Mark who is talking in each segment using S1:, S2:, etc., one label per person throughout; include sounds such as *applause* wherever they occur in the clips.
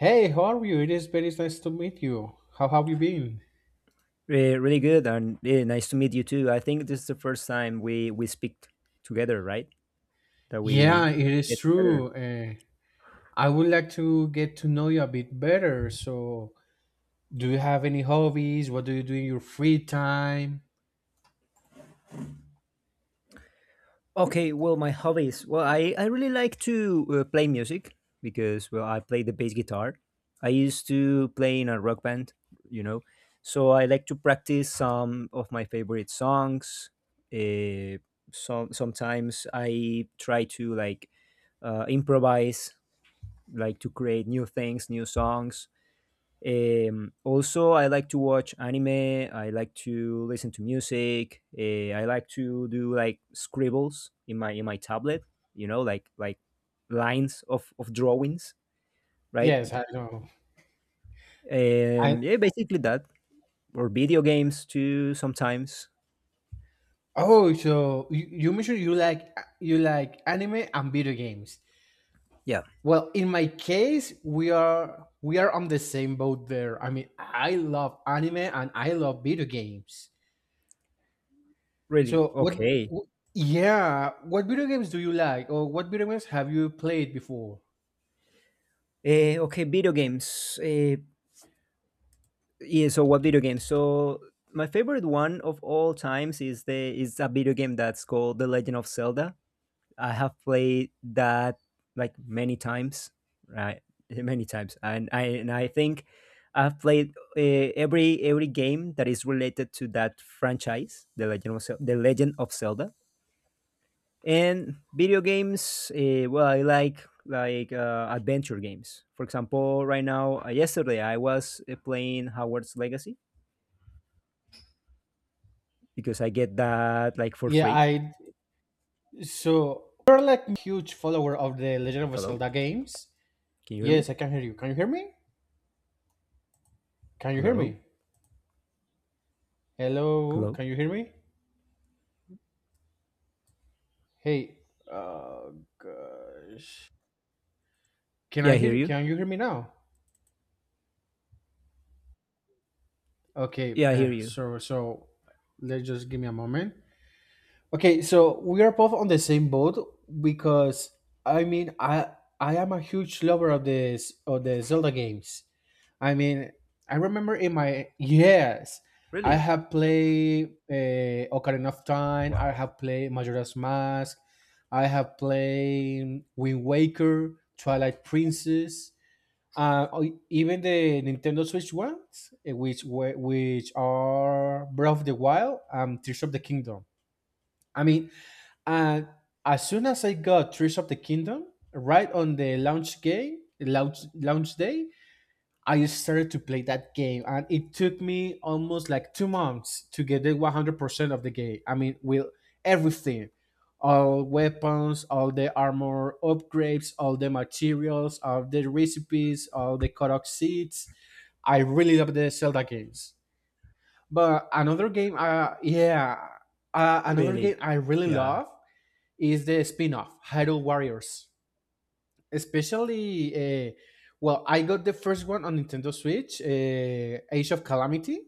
S1: Hey, how are you? It is very nice to meet you. How have you been?
S2: Really good, and nice to meet you too. I think this is the first time we speak together, right? That we
S1: Yeah, it is
S2: get together.
S1: true. I would like to get to know you a bit better. So, do you have any hobbies? What do you do in your free time?
S2: Okay. Well, my hobbies. Well, I really like to play music because, well, I play the bass guitar. I used to play in a rock band, you know, so I like to practice some of my favorite songs. Uh, sometimes I try to like improvise, like to create new things, new songs. Also, I like to watch anime. I like to listen to music. I like to do like scribbles in my tablet. Like lines of drawings, right?
S1: Yes, I know. I
S2: Yeah, basically that. Or video games too sometimes.
S1: Oh, so you mentioned you like anime and video games.
S2: Yeah,
S1: Well, in my case, we are on the same boat there. I mean, I love anime and I love video games.
S2: really.
S1: So what?
S2: Okay.
S1: w- Yeah, what video games do you like, or what video games have you played before?
S2: Okay, video games. Yeah. So what video games? So my favorite one of all times is a video game that's called The Legend of Zelda. I have played that like many times, right? Many times, and I think I've played every game that is related to that franchise, the Legend of Zelda, and video games. Well, I like adventure games. For example, right now, yesterday I was playing Howard's Legacy because I get that like for
S1: Yeah,
S2: free.
S1: I so you're like a huge follower of the Legend of
S2: Hello,
S1: Zelda games.
S2: can you hear me?
S1: Yes, I can hear you. Can you hear me? Can you hear
S2: Hello,
S1: me? Hello,
S2: hello.
S1: can you hear me? Hey, oh gosh, can
S2: Yeah,
S1: I
S2: I hear
S1: hear?
S2: you.
S1: Can you hear me now? Okay,
S2: Yeah, I hear you.
S1: so let's just give me a moment. Okay, so we are both on the same boat because I mean, I am a huge lover of this of the Zelda games. I mean, I remember in my yes, I
S2: Really?
S1: have played Ocarina of Time. I
S2: Wow.
S1: have played Majora's Mask. I have played Wind Waker, Twilight Princess, or even the Nintendo Switch ones, which are Breath of the Wild and Tears of the Kingdom. I mean, and as soon as I got Tears of the Kingdom, right on the launch game, launch launch day, I started to play that game, and it took me almost like 2 months to get the 100% of the game. I mean, with everything, all weapons, all the armor upgrades, all the materials, all the recipes, all the Korok seeds. I really love the Zelda games. But another game, yeah, another
S2: Really?
S1: game I really
S2: Yeah.
S1: love is the spin-off Hyrule Warriors. Especially, well, I got the first one on Nintendo Switch, Age of Calamity,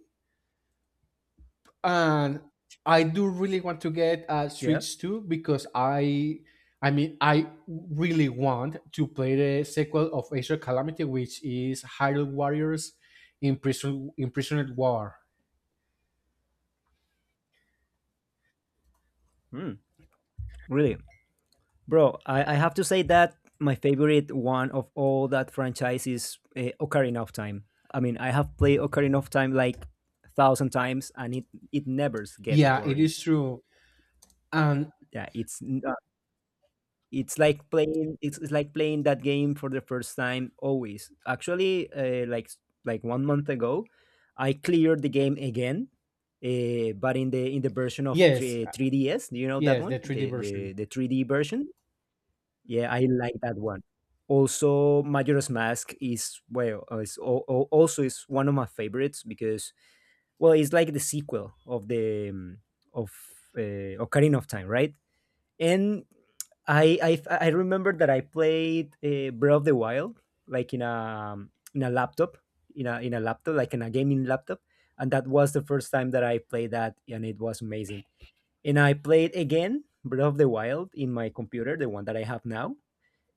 S1: and I do really want to get a
S2: Yeah.
S1: Switch 2 because I mean, I really want to play the sequel of Age of Calamity, which is Hyrule Warriors Imprisoned War.
S2: Mm. Really? Bro, I have to say that my favorite one of all that franchise is Ocarina of Time. I mean, I have played Ocarina of Time like a thousand times, and it never get
S1: Yeah, it
S2: boring.
S1: is true. And
S2: Yeah, it's like playing that game for the first time, always, actually, 1 month ago I cleared the game again. But in the version of
S1: yes,
S2: 3, 3DS, do you know that
S1: yes,
S2: one,
S1: the 3D
S2: the,
S1: version.
S2: the the 3D version? Yeah, I like that one. Also, Majora's Mask is, well, is al- al- also is one of my favorites because, well, it's like the sequel of the of Ocarina of Time, right? And I remember that I played Breath of the Wild like in a laptop, in a laptop, like in a gaming laptop, and that was the first time that I played that, and it was amazing. And I played again Breath of the Wild in my computer, the one that I have now.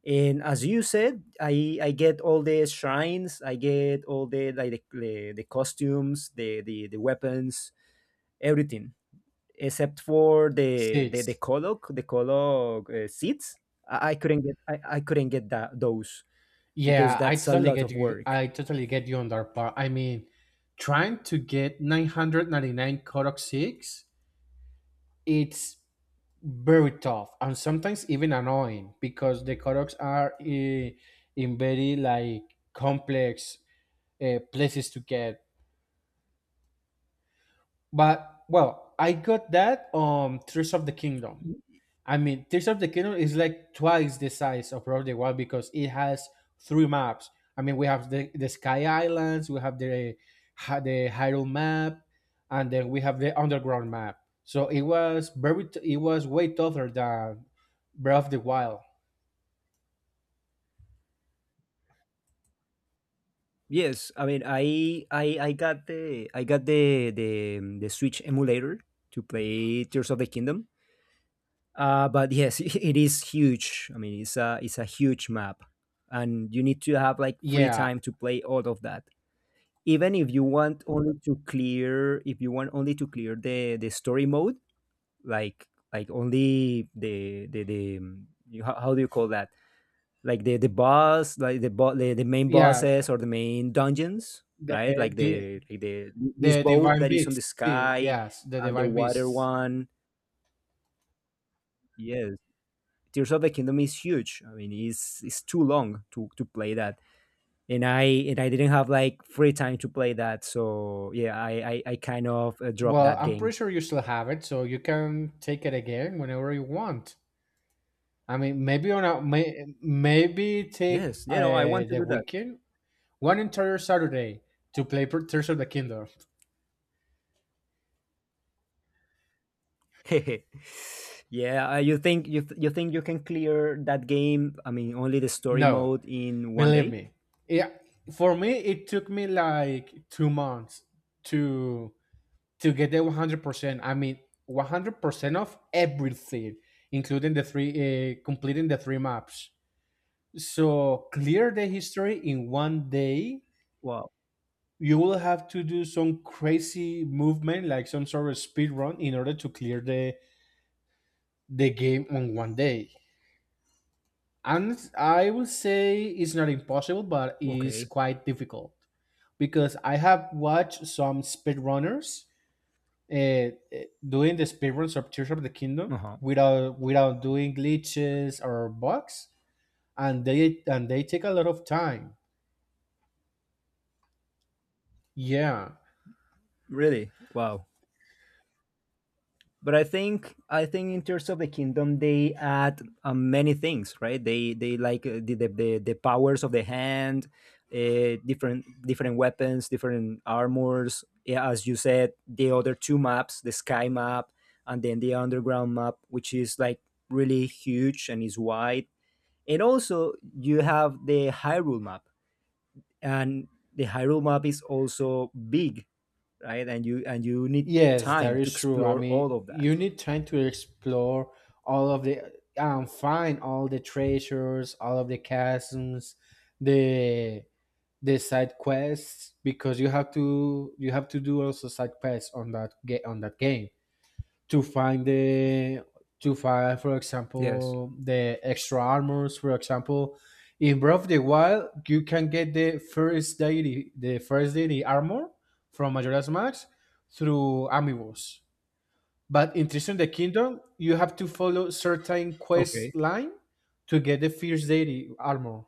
S2: And as you said, I get all the shrines, I get all the, like, the costumes, the weapons, everything except for the the the
S1: Six.
S2: Kolok the Kolok uh, seats. I couldn't get that, those, because
S1: Yeah, I
S2: that's a
S1: totally
S2: lot
S1: get
S2: of
S1: you.
S2: work.
S1: I totally get you on that part. I mean, trying to get 999 Kodak 6, it's very tough and sometimes even annoying because the Kodaks are in very like complex places to get. But well, I got that on Tears of the Kingdom. I mean, Tears of the Kingdom is like twice the size of Breath of the Wild because it has three maps. I mean, we have the Sky Islands, we have the Hyrule map, and then we have the underground map. So it was way tougher than Breath of the Wild.
S2: Yes, I mean, I got the Switch emulator to play Tears of the Kingdom. But yes, *laughs* it is huge. I mean, it's a huge map, and you need to have like free
S1: Yeah,
S2: time to play all of that. Even if you want only to clear, if you want only to clear the story mode, like, only the how do you call that, like the boss, like the main
S1: yeah,
S2: bosses or the main dungeons,
S1: the
S2: right? like
S1: the,
S2: the like the this
S1: the
S2: boat
S1: Divine
S2: that is on the
S1: Beasts. See,
S2: sky,
S1: yes, the
S2: and the
S1: Divine
S2: water
S1: Beasts.
S2: one. Yes, Tears of the Kingdom is huge. I mean, it's too long to play that, and I didn't have like free time to play that. So yeah, I kind of dropped
S1: Well,
S2: that
S1: I'm
S2: game.
S1: pretty sure you still have it, so you can take it again whenever you want. I mean, maybe on a may, maybe take
S2: Yes, you know I want to
S1: the
S2: do that.
S1: weekend, one entire Saturday to play Tears of the Kingdom.
S2: *laughs* Yeah, you think you can clear that game? I mean, only the story
S1: No,
S2: mode in one
S1: believe
S2: day?
S1: me. Yeah, for me, it took me like 2 months to to get the 100%. I mean, 100% of everything, including completing the three maps. So clear the history in one day,
S2: Wow.
S1: you will have to do some crazy movement, like some sort of speed run, in order to clear the game on one day. And I will say it's not impossible, but it's
S2: Okay.
S1: quite difficult, because I have watched some speedrunners uh, uh, doing the speedruns of Tears of the Kingdom
S2: Uh huh.
S1: without doing glitches or bugs, and they take a lot of time. Yeah.
S2: Really? Wow. But I think in terms of the Kingdom, they add many things, right? They like, the powers of the hand, different weapons, different armors. Yeah, as you said, the other two maps, the sky map, and then the underground map, which is like really huge and is wide. And also, you have the Hyrule map, and the Hyrule map is also big, right? And you need
S1: Yes, that
S2: time to
S1: is true. I
S2: explore
S1: mean,
S2: all of that.
S1: you need time to explore all of the find all the treasures, all of the chasms, the the side quests, because you have to do also side quests on that game, to find for
S2: Yes.
S1: example the extra armors. For example, in Breath of the Wild, you can get the first deity armor from Majora's Mask through amiibos, but in Tears of the Kingdom, you have to follow certain
S2: Okay.
S1: quest line to get the first deity armor.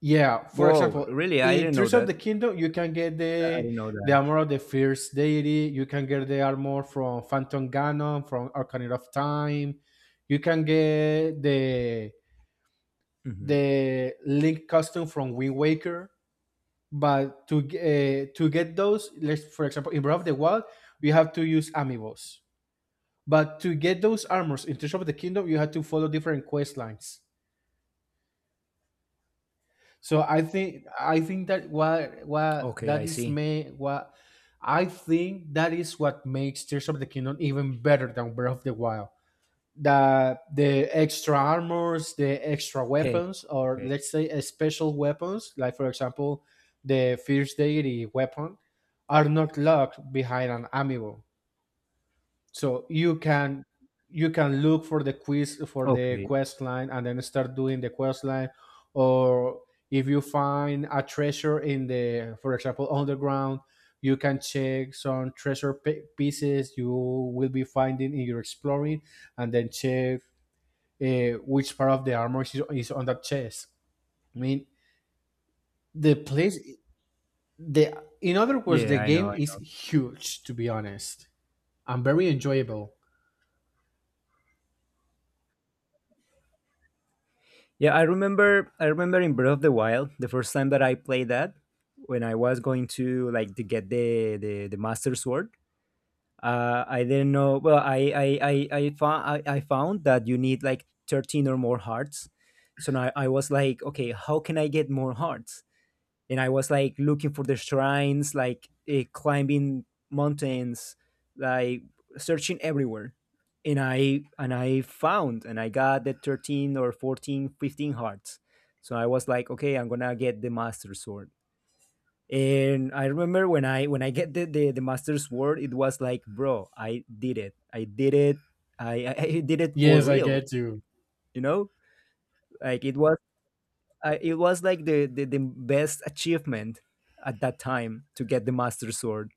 S1: Yeah, for
S2: Whoa,
S1: example,
S2: really? I
S1: in
S2: didn't know
S1: Tears of
S2: that.
S1: the Kingdom, you can get
S2: I
S1: the
S2: didn't know
S1: the
S2: that.
S1: armor of the Fierce Deity. You can get the armor from Phantom Ganon, from Arcanine of Time. You can get the
S2: Hmm.
S1: the Link costume from Wind Waker. But to get those, let's for example, in Breath of the Wild, you have to use amiibos. But to get those armors in Tears of the Kingdom, you have to follow different quest lines. So I think that what
S2: Okay,
S1: that
S2: I
S1: is
S2: see.
S1: may what I think that is what makes Tears of the Kingdom even better than Breath of the Wild. That the extra armors, the extra
S2: Hey.
S1: weapons, or
S2: Okay.
S1: let's say special weapons, like for example the Fierce Deity weapon, are not locked behind an amiibo, so you can look for the
S2: Okay.
S1: quest line, and then start doing the quest line. Or if you find a treasure in the, for example, underground, you can check some treasure pi pieces you will be finding in your exploring, and then check which part of the armor is on that chest. I mean, the place the in other words,
S2: Yeah,
S1: the
S2: I
S1: game
S2: know.
S1: is huge, to be honest, and very enjoyable.
S2: Yeah, I remember in Breath of the Wild, the first time that I played that, when I was going to, like, to get the Master Sword, I didn't know, well, I found that you need like 13 or more hearts. So now I was like, okay, how can I get more hearts? And I was like looking for the shrines, like climbing mountains, like searching everywhere. And I got the 13 or 14, 15 hearts. So I was like, okay, I'm gonna get the Master Sword. And I remember when I get the Master Sword, it was like, bro, I did it. I did it. *laughs* I did it for
S1: Yes, I
S2: real,
S1: get you.
S2: you know? Like, it was like the best achievement at that time to get the Master Sword.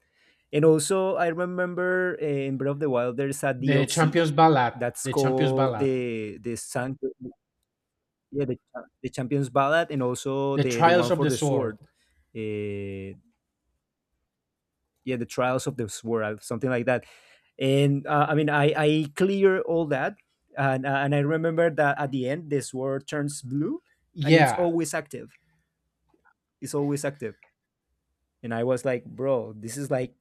S2: And also, I remember in Breath of the Wild there's a
S1: The
S2: DLC
S1: Champions Ballad.
S2: that's
S1: The Champions
S2: called
S1: Ballad.
S2: the San, yeah, the Champions Ballad, and also
S1: The
S2: the one
S1: Trials of
S2: for
S1: the
S2: the
S1: Sword.
S2: sword. uh, yeah, the Trials of the Sword, something like that. And I mean, I clear all that. And I remember that at the end the sword turns blue, and it's
S1: Yeah.
S2: always active, it's always active. And I was like, bro, this is like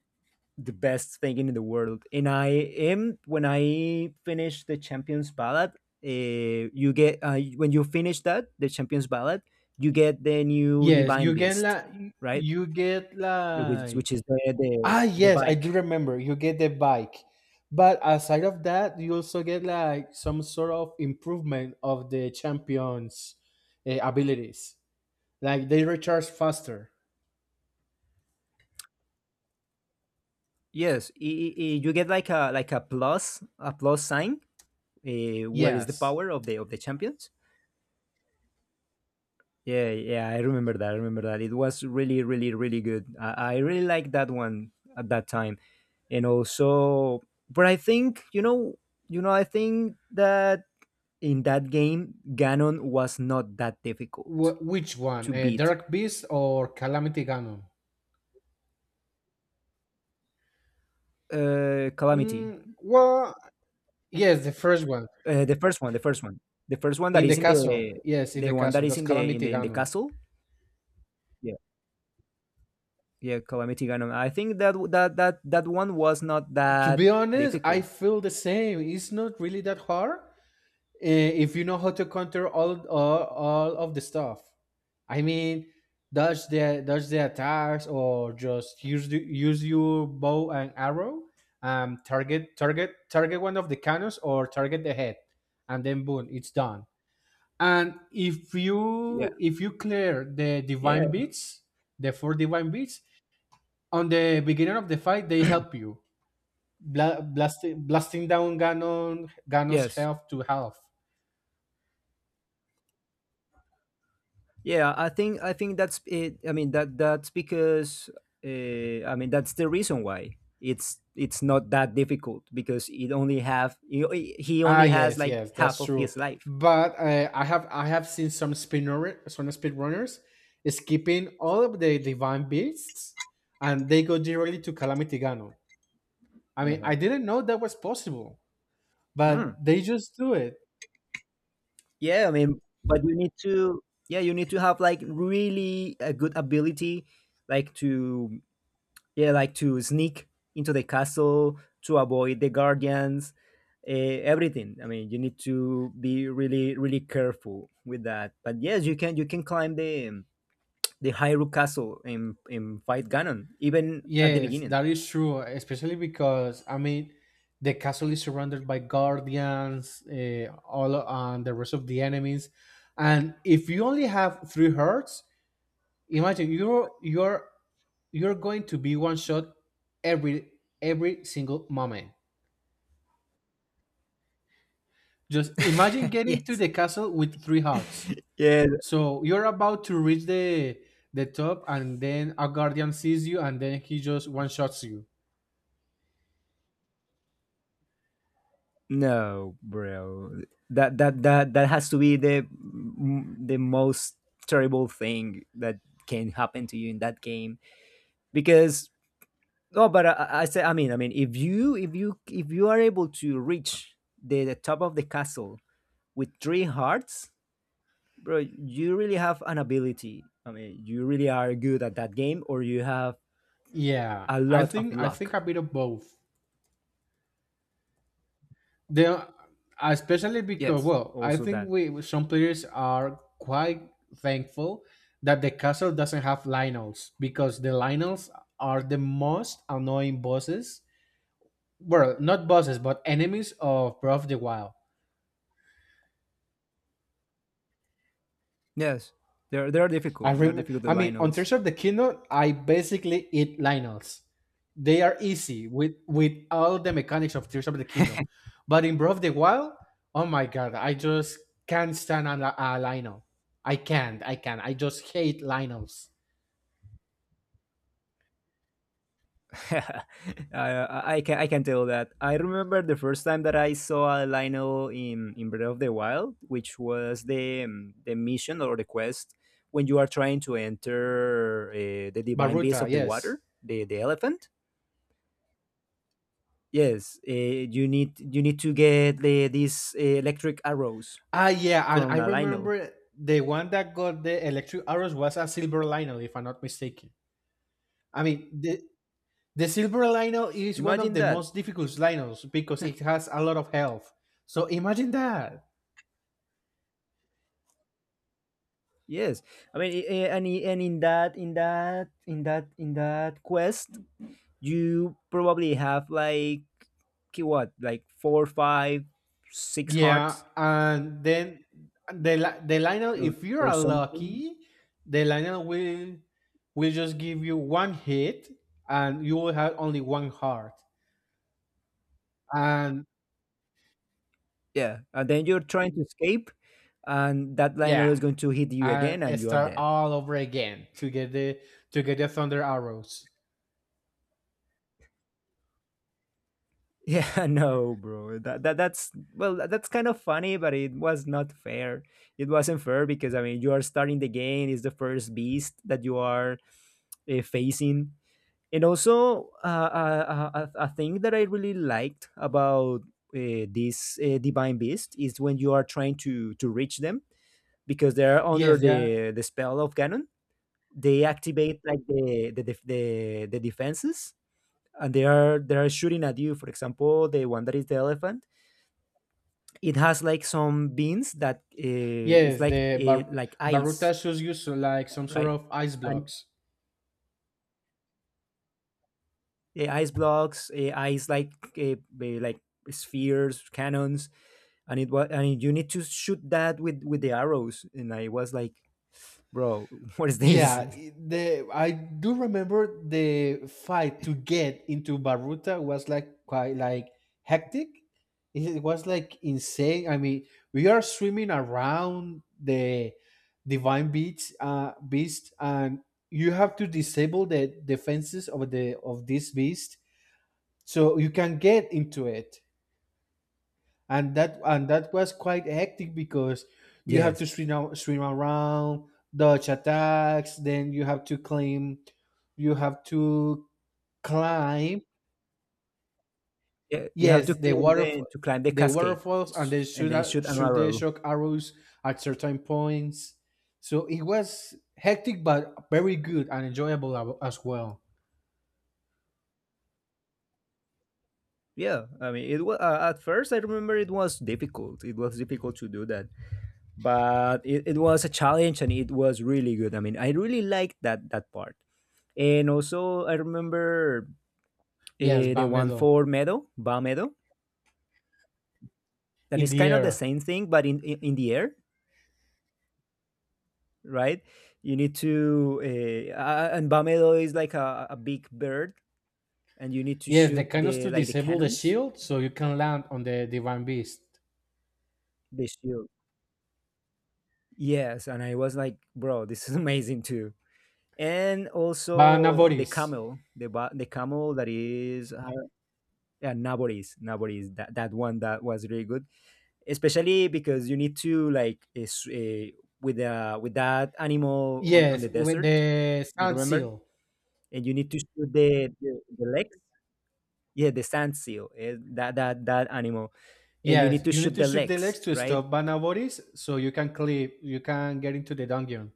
S2: the best thing in the world. And I am when I finish the Champions Ballad, you get, when you finish that, the Champions Ballad, you get the new
S1: Yes,
S2: Divine Beast, right?
S1: you get
S2: Which is
S1: like
S2: the the,
S1: ah
S2: the
S1: yes, I do
S2: bike.
S1: remember. You get the bike. But aside of that, you also get like some sort of improvement of the champions' abilities. Like they recharge faster.
S2: Yes, you get like a, like a plus, a plus sign, where is the
S1: Yes.
S2: power of the champions. Yeah, yeah, I remember that. I remember that. It was really, really, really good. I really liked that one at that time. And also, but I think, you know, I think that in that game, Ganon was not that difficult
S1: Which
S2: to
S1: one?
S2: beat.
S1: Dark Beast or Calamity Ganon?
S2: Calamity,
S1: Mm, well, yes, the first one.
S2: uh, the first one, the first one, the first one that
S1: In
S2: is
S1: the
S2: in
S1: castle,
S2: the,
S1: yes, in
S2: the
S1: the
S2: one that
S1: castle.
S2: is
S1: That's
S2: in the in
S1: Calamity
S2: the in the
S1: Ganon.
S2: castle. Yeah, yeah, Calamity Ganon. I think that that one was not
S1: To
S2: that
S1: be honest, I
S2: difficult.
S1: feel the same. It's not really that hard, if you know how to counter all of the stuff. I mean, dodge the attacks, or just use use your bow and arrow, target one of the cannons, or target the head, and then boom, it's done. And if
S2: Yeah,
S1: you clear the divine
S2: yeah,
S1: beats, the four divine beats, on the beginning of the fight, they help you blasting down Ganon's
S2: yes.
S1: health to half.
S2: Yeah, I think that's it. I mean, that that's because, I mean, that's the reason why it's not that difficult, because it only have, he
S1: Ah,
S2: only has
S1: yes,
S2: like
S1: yes,
S2: half
S1: that's
S2: of
S1: true.
S2: his life.
S1: But I have seen some speedrunners skipping all of the divine beasts, and they go directly to Calamity Ganon. I mean, I didn't know that was possible, but
S2: Mm.
S1: they just do it.
S2: Yeah, I mean, but you need to have, like, really a good ability, like to yeah like to sneak into the castle to avoid the guardians, everything. I mean, you need to be really, really careful with that, but yes, you can climb the Hyrule castle and fight Ganon even at the
S1: Yes,
S2: beginning.
S1: that is true, especially because I mean, the castle is surrounded by guardians, all and the rest of the enemies, and if you only have three hearts, imagine you're going to be one shot every every single moment. Just imagine
S2: *laughs*
S1: getting to
S2: Yes,
S1: the castle with three hearts.
S2: yeah.
S1: So you're about to reach the top, and then a guardian sees you, and then he just one shots you.
S2: No, bro, that has to be the most terrible thing that can happen to you in that game, because No, but I say, I mean, if you, if you are able to reach the top of the castle with three hearts, bro, you really have an ability. I mean, you really are good at that game, or you have
S1: Yeah,
S2: a
S1: I
S2: lot of
S1: think I think
S2: luck.
S1: a bit of both. They are, especially because
S2: Yes,
S1: well, I
S2: also
S1: think
S2: that.
S1: we some players are quite thankful that the castle doesn't have Lionels because the Lionels are the most annoying bosses. Well, not bosses, but enemies of Breath of the Wild.
S2: Yes, they're difficult. They're difficult. The
S1: I mean, on
S2: Lionels.
S1: Tears of the Kingdom, I basically eat Lionels. They are easy with all the mechanics of Tears of the Kingdom, but in Breath of the Wild, oh my god, I just can't stand a Lionel. I can't, I can't. I just hate Lionels.
S2: *laughs* I can tell that. I remember the first time that I saw a Lionel in Breath of the Wild, which was the mission or the quest when you are trying to enter the Divine Beast
S1: Baruta,
S2: of the
S1: yes.
S2: Water, the elephant. Yes, you need to get these electric arrows
S1: Ah, yeah, and
S2: from
S1: I
S2: a Lionel.
S1: remember the one that got the electric arrows was a silver Lionel, if I'm not mistaken. I mean, the silver lino is one of
S2: Imagine
S1: the
S2: that.
S1: most difficult linos because it has a lot of health. So imagine that.
S2: Yes, I mean, I- and in that quest, you probably have like ki- what like four five six
S1: Yeah,
S2: hearts
S1: and then the lino, if you
S2: or
S1: are
S2: something
S1: lucky, the lino will just give you one hit, and you will have only one heart. And
S2: yeah, and then you're trying to escape, and that lionel
S1: yeah,
S2: is going to hit you again and
S1: and
S2: you are
S1: start
S2: dead.
S1: all over again to get the thunder arrows.
S2: Yeah. *laughs* No bro, that's well that's kind of funny, but it was not fair. It wasn't fair because I mean you are starting the game, it's the first beast that you are facing. And also a thing that I really liked about this divine beast is when you are trying to reach them, because they're under
S1: Yes, yeah,
S2: the spell of Ganon, they activate like the defenses, and they are shooting at you. For example, the one that is the elephant, it has like some beans that it's
S1: yes. The bar-
S2: like ice.
S1: baruta shows you so like some sort
S2: Right.
S1: of ice
S2: And
S1: blocks.
S2: the ice blocks, ice like, uh, like spheres, cannons. And it was and you need to shoot that with the arrows, and I was like, bro, *laughs* what is this?
S1: Yeah, I- the I do remember the fight to get into Baruta was like quite like hectic. It was like insane. I mean, we are swimming around the divine beast, and you have to disable the defenses of the of this beast so you can get into it, and that was quite hectic because you have
S2: *laughs* Yes.
S1: to swim around, dodge attacks, then you have to you have to climb.
S2: Yeah, you have to
S1: Yes, the
S2: climb the, to climb the cascade
S1: waterfalls, and they
S2: and then shoot an
S1: shoot the
S2: arrow.
S1: shock arrows at certain points. So it was hectic but very good and enjoyable as well.
S2: Yeah, I mean it was at first I remember it was difficult, it was difficult to do that, but it was a challenge and it was really good. I mean I really liked that, that part. And also I remember
S1: Yes,
S2: the one
S1: Bamedo
S2: for Meadow, Ba Meadow, that
S1: in
S2: is
S1: the
S2: kind of the
S1: air.
S2: same thing but in in the air, right? You need to and Bamedo is like a big bird, and you need to
S1: Yes, the
S2: shoot
S1: canons
S2: the,
S1: to
S2: like the
S1: disable the
S2: cannons,
S1: shield so you can land on the divine beast.
S2: the shield. Yes, and I was like, bro, this is *laughs* amazing too. And also the
S1: Banavoris.
S2: camel, the camel that is yeah, Naboris, Naboris, that one, that was really good, especially because you need to like is, with that animal on
S1: Yes,
S2: the
S1: with
S2: desert.
S1: the
S2: You
S1: sound
S2: remember?
S1: seal.
S2: And you need to shoot the legs. Yeah, the sand seal, eh, that animal. And you need
S1: Yes,
S2: to
S1: you need
S2: shoot
S1: to
S2: the
S1: shoot the legs
S2: legs,
S1: to
S2: right?
S1: stop Banaboris so you can clip, you can get into the dungeon.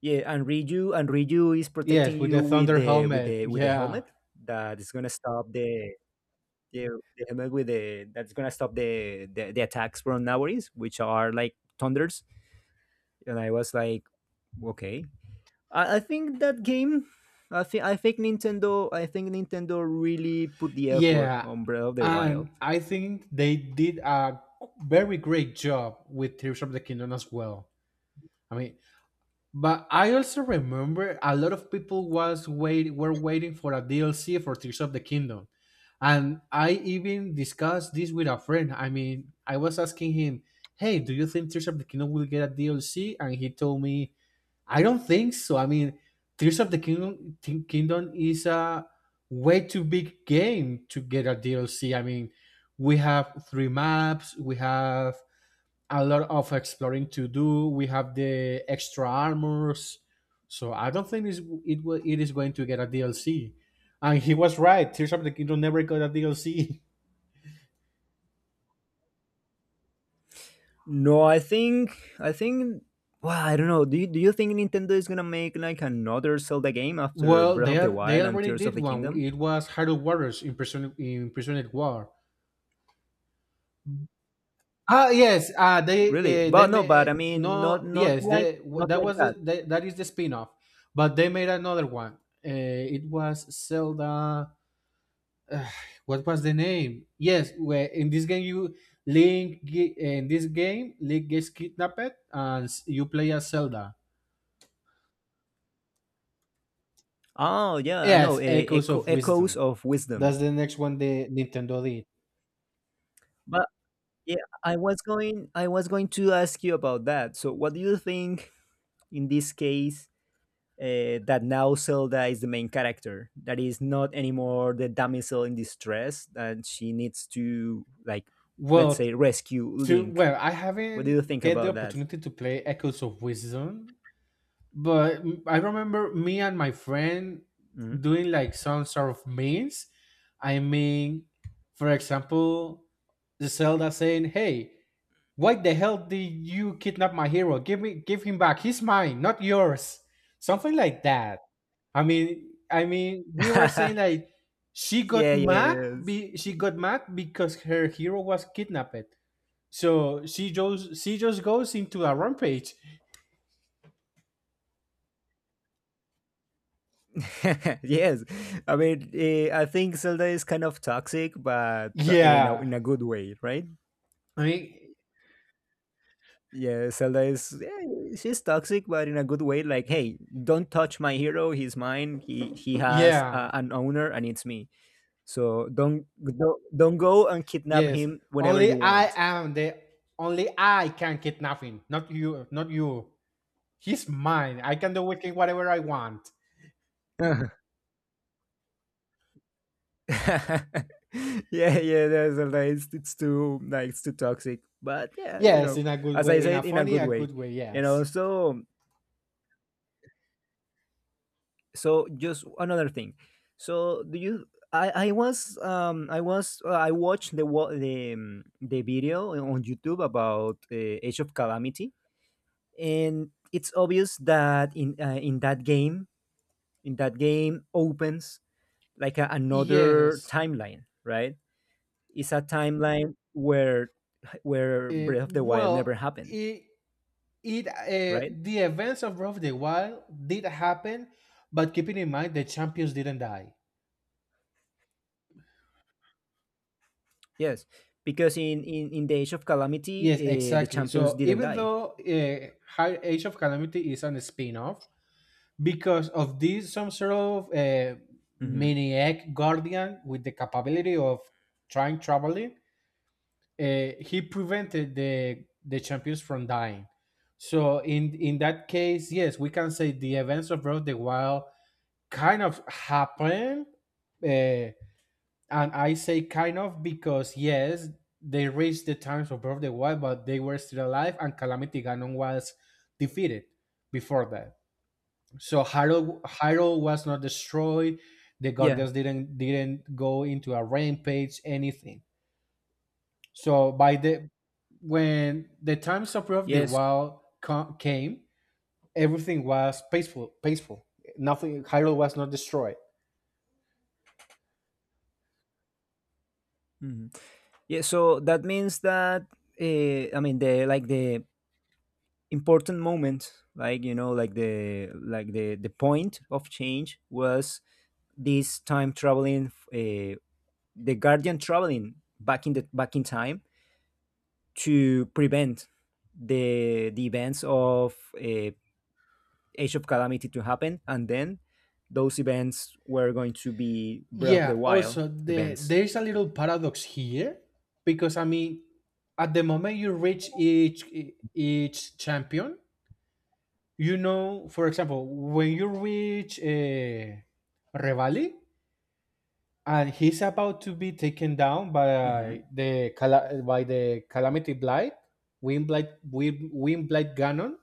S2: Yeah, and Riju, and Riju is protecting
S1: Yes, with
S2: you
S1: the
S2: with
S1: thunder
S2: the with
S1: helmet.
S2: the with the
S1: Yeah.
S2: helmet that is gonna stop the, the helmet with the, that's gonna stop the attacks from Nawaris, which are like thunders. And I was like, okay, I think that game, I think Nintendo really put the effort
S1: Yeah.
S2: on Breath of the Wild.
S1: And I think they did a very great job with Tears of the Kingdom as well. I mean, but I also remember a lot of people was wait were waiting for a DLC for Tears of the Kingdom. And I even discussed this with a friend. I mean, I was asking him, "Hey, do you think Tears of the Kingdom will get a DLC?" And he told me, "I don't think so. I mean, Tears of the Kingdom is a way too big game to get a DLC. I mean, we have three maps, we have a lot of exploring to do. We have the extra armors, so I don't think it's, it will it is going to get a DLC." And he was right. Tears of the Kingdom never got a DLC. *laughs*
S2: No, I think, well, I don't know. Do you think Nintendo is gonna make like another Zelda game after
S1: Well,
S2: Breath
S1: they
S2: of
S1: are,
S2: the
S1: they
S2: Wild and
S1: already
S2: Tears of
S1: did
S2: the
S1: one.
S2: Kingdom?
S1: It was Hyrule Warriors in prison in Prisoned War. Ah yes,
S2: Really?
S1: they
S2: But no, but
S1: made
S2: I mean,
S1: no
S2: not
S1: yes they
S2: not
S1: that
S2: like
S1: was the,
S2: that.
S1: they, that is the spin-off, but they made another one. It was Zelda. What was the name? Yes, where in this game you Link ge- in this game Link gets kidnapped and you play as Zelda.
S2: Oh yeah, I know.
S1: Yes, Echoes
S2: Echo,
S1: of
S2: echoes
S1: Wisdom.
S2: of wisdom.
S1: That's the next one the Nintendo did.
S2: But yeah, I was going to ask you about that. So, what do you think in this case that now Zelda is the main character. That is not anymore the damsel in distress, and she needs to like, let's
S1: Well,
S2: say, rescue Link.
S1: well, I
S2: What do you
S1: haven't
S2: think
S1: get the
S2: about that?
S1: opportunity to play Echoes of Wisdom, but I remember me and my friend
S2: Mhm.
S1: doing like some sort of memes. I mean, for example, the Zelda saying, "Hey. Why the hell did you kidnap my hero? Give me give him back. He's mine, not yours." Something like that. I mean we were saying
S2: *laughs*
S1: like she got
S2: Yeah,
S1: mad,
S2: yes.
S1: she got mad because her hero was kidnapped. So she just goes into a rampage.
S2: *laughs* Yes. I mean, I think Zelda is kind of toxic, but in a
S1: Yeah.
S2: good way, right?
S1: I mean,
S2: Yeah, Zelda is, yeah, she's toxic, but in a good way. Like, hey, don't touch my hero. He's mine. He has
S1: yeah.
S2: an owner, and it's me. So don't, don't go and kidnap
S1: Yes.
S2: him whenever
S1: Only
S2: you
S1: I
S2: want.
S1: am the Only I can kidnap him, not you not you. He's mine. I can do with him whatever I want.
S2: Uh-huh. *laughs* Yeah, yeah, that's a, like, it's too, like it's too toxic. But yeah, you
S1: Yes,
S2: know,
S1: in a good
S2: as I
S1: way, in a
S2: said, in a
S1: funny,
S2: good
S1: a
S2: way.
S1: good way.
S2: You know,
S1: Yes.
S2: so so just another thing. So do you? I was I was I watched the the video on YouTube about Age of Calamity, and it's obvious that in that game, opens like another
S1: Yes.
S2: timeline, right? It's a timeline where Breath of the Wild never
S1: Well,
S2: happened,
S1: it, it
S2: right?
S1: the events of Breath of the Wild did happen, but keeping in mind the champions didn't die.
S2: Yes, because in in the Age of Calamity,
S1: Yes,
S2: the
S1: exactly.
S2: champions
S1: So
S2: didn't
S1: even
S2: die.
S1: though High Age of Calamity is on spin-off, because of this, some sort of
S2: Hmm.
S1: mini egg guardian with the capability of time traveling, he prevented the champions from dying. So in that case, yes, we can say the events of Breath of the Wild kind of happened, and I say kind of because yes, they reached the times of Breath of the Wild, but they were still alive, and Calamity Ganon was defeated before that. So Hyrule was not destroyed. The
S2: Yeah.
S1: Guardians didn't go into a rampage, anything. So by the when the times of the
S2: Yes.
S1: Came, everything was peaceful. Peaceful. Nothing. Hyrule was not destroyed.
S2: Hmm. Yeah. So that means that I mean the, like the important moment, like you know, like the point of change was this time traveling, the Guardian traveling back in the, back in time to prevent the events of Age of Calamity to happen, and then those events were going to be Breath of the
S1: Yeah.
S2: Wild
S1: Also,
S2: events.
S1: there is a little paradox here because I mean, at the moment you reach each champion, you know, for example, when you reach Revali and he's about to be taken down by
S2: Hmm.
S1: the calamity blight, wind blight Ganon.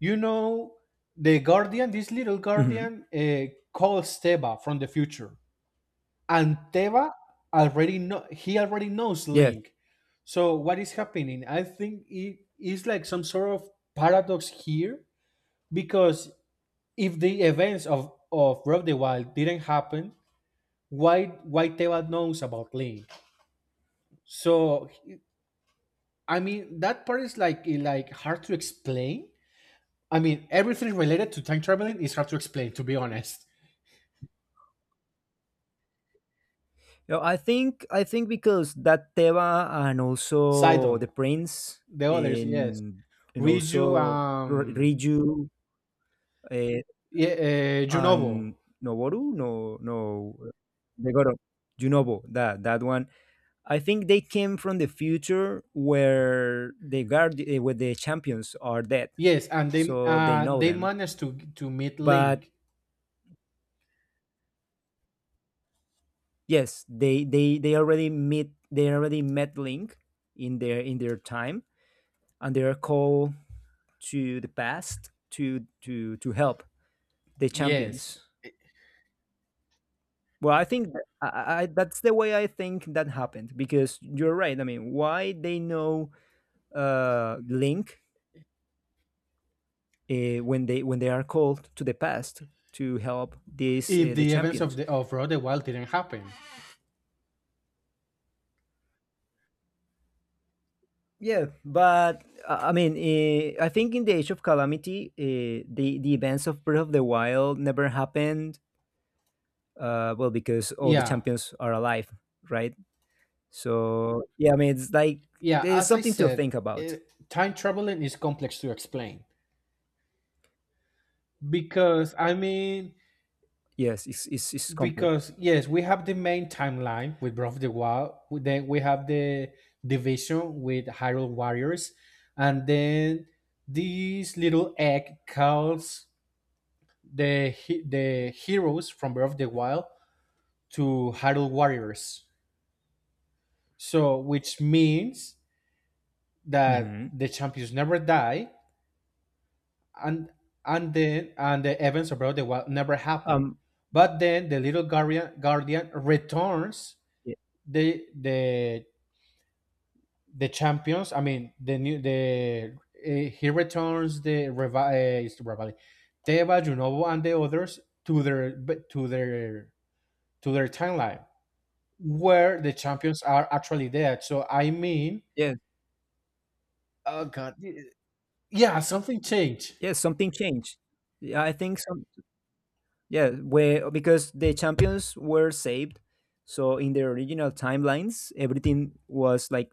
S1: You know, this little
S2: Mm-hmm.
S1: guardian, calls Teva from the future, and Teva already know he already knows
S2: Yes.
S1: Link. So what is happening? I think it is like some sort of paradox here because if the events of Breath of the Wild didn't happen, why Teva knows about Link? So I mean that part is like hard to explain. I mean everything related to time traveling is hard to explain, to be honest.
S2: Yeah, I think because that Teva, and also the
S1: Sidon,
S2: Prince
S1: the others, yes.
S2: in and
S1: Riju,
S2: also Riju uh,
S1: yeah, Junovo,
S2: and Noboru, no no, Megoro, Junobo, that, that one. I think they came from the future where the where the champions are dead,
S1: yes, and
S2: so they know
S1: they
S2: them.
S1: managed to meet
S2: But
S1: Link,
S2: yes, they already meet they already met Link in their, in their time, and they are called to the past to help the
S1: yes.
S2: champions. Well, I think that- I- that's the way I think that happened, because you're right. I mean, why they know Link when they, when they are called to the past to help these
S1: If
S2: the
S1: the events of
S2: champions.
S1: the of Road the Wild didn't happen,
S2: Yeah, but I mean, I think in the Age of Calamity, the events of Breath of the Wild never happened. Well, because all the
S1: yeah,
S2: champions are alive, right? So yeah, I mean, it's like
S1: yeah.
S2: there's
S1: As I
S2: something to
S1: said,
S2: think about.
S1: eh, time traveling is complex to explain because I mean.
S2: Yes, it's complex.
S1: Because yes, we have the main timeline with Breath of the Wild. Then we have the division with Hyrule Warriors, and then this little egg calls the heroes from Breath of the Wild to Hyrule Warriors. So, which means that
S2: Hmm.
S1: the champions never die, and the events of Breath of the Wild never happen.
S2: Um,
S1: But then the little guardian guardian returns
S2: yeah,
S1: the the the champions. I mean, the new the he returns it's Revali, Teva, Junovo, and the others to their but to their timeline where the champions are actually dead. So I mean,
S2: yeah,
S1: oh god, yeah, something changed.
S2: yeah, something changed. Yeah, I think some, yeah, where, because the champions were saved, so in the original timelines, everything was like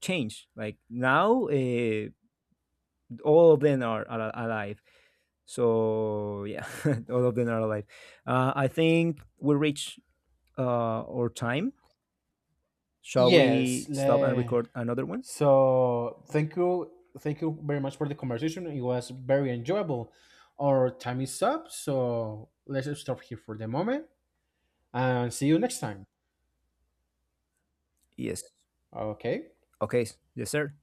S2: changed. Like now, all of them are alive. So yeah, *laughs* all of them are alive. I think we reach uh, our time. Shall
S1: Yes.
S2: we stop and record another one?
S1: So thank you very much for the conversation. It was very enjoyable. Our time is up, so let's stop here for the moment and see you next time.
S2: Yes.
S1: Okay.
S2: Okay. Yes, sir.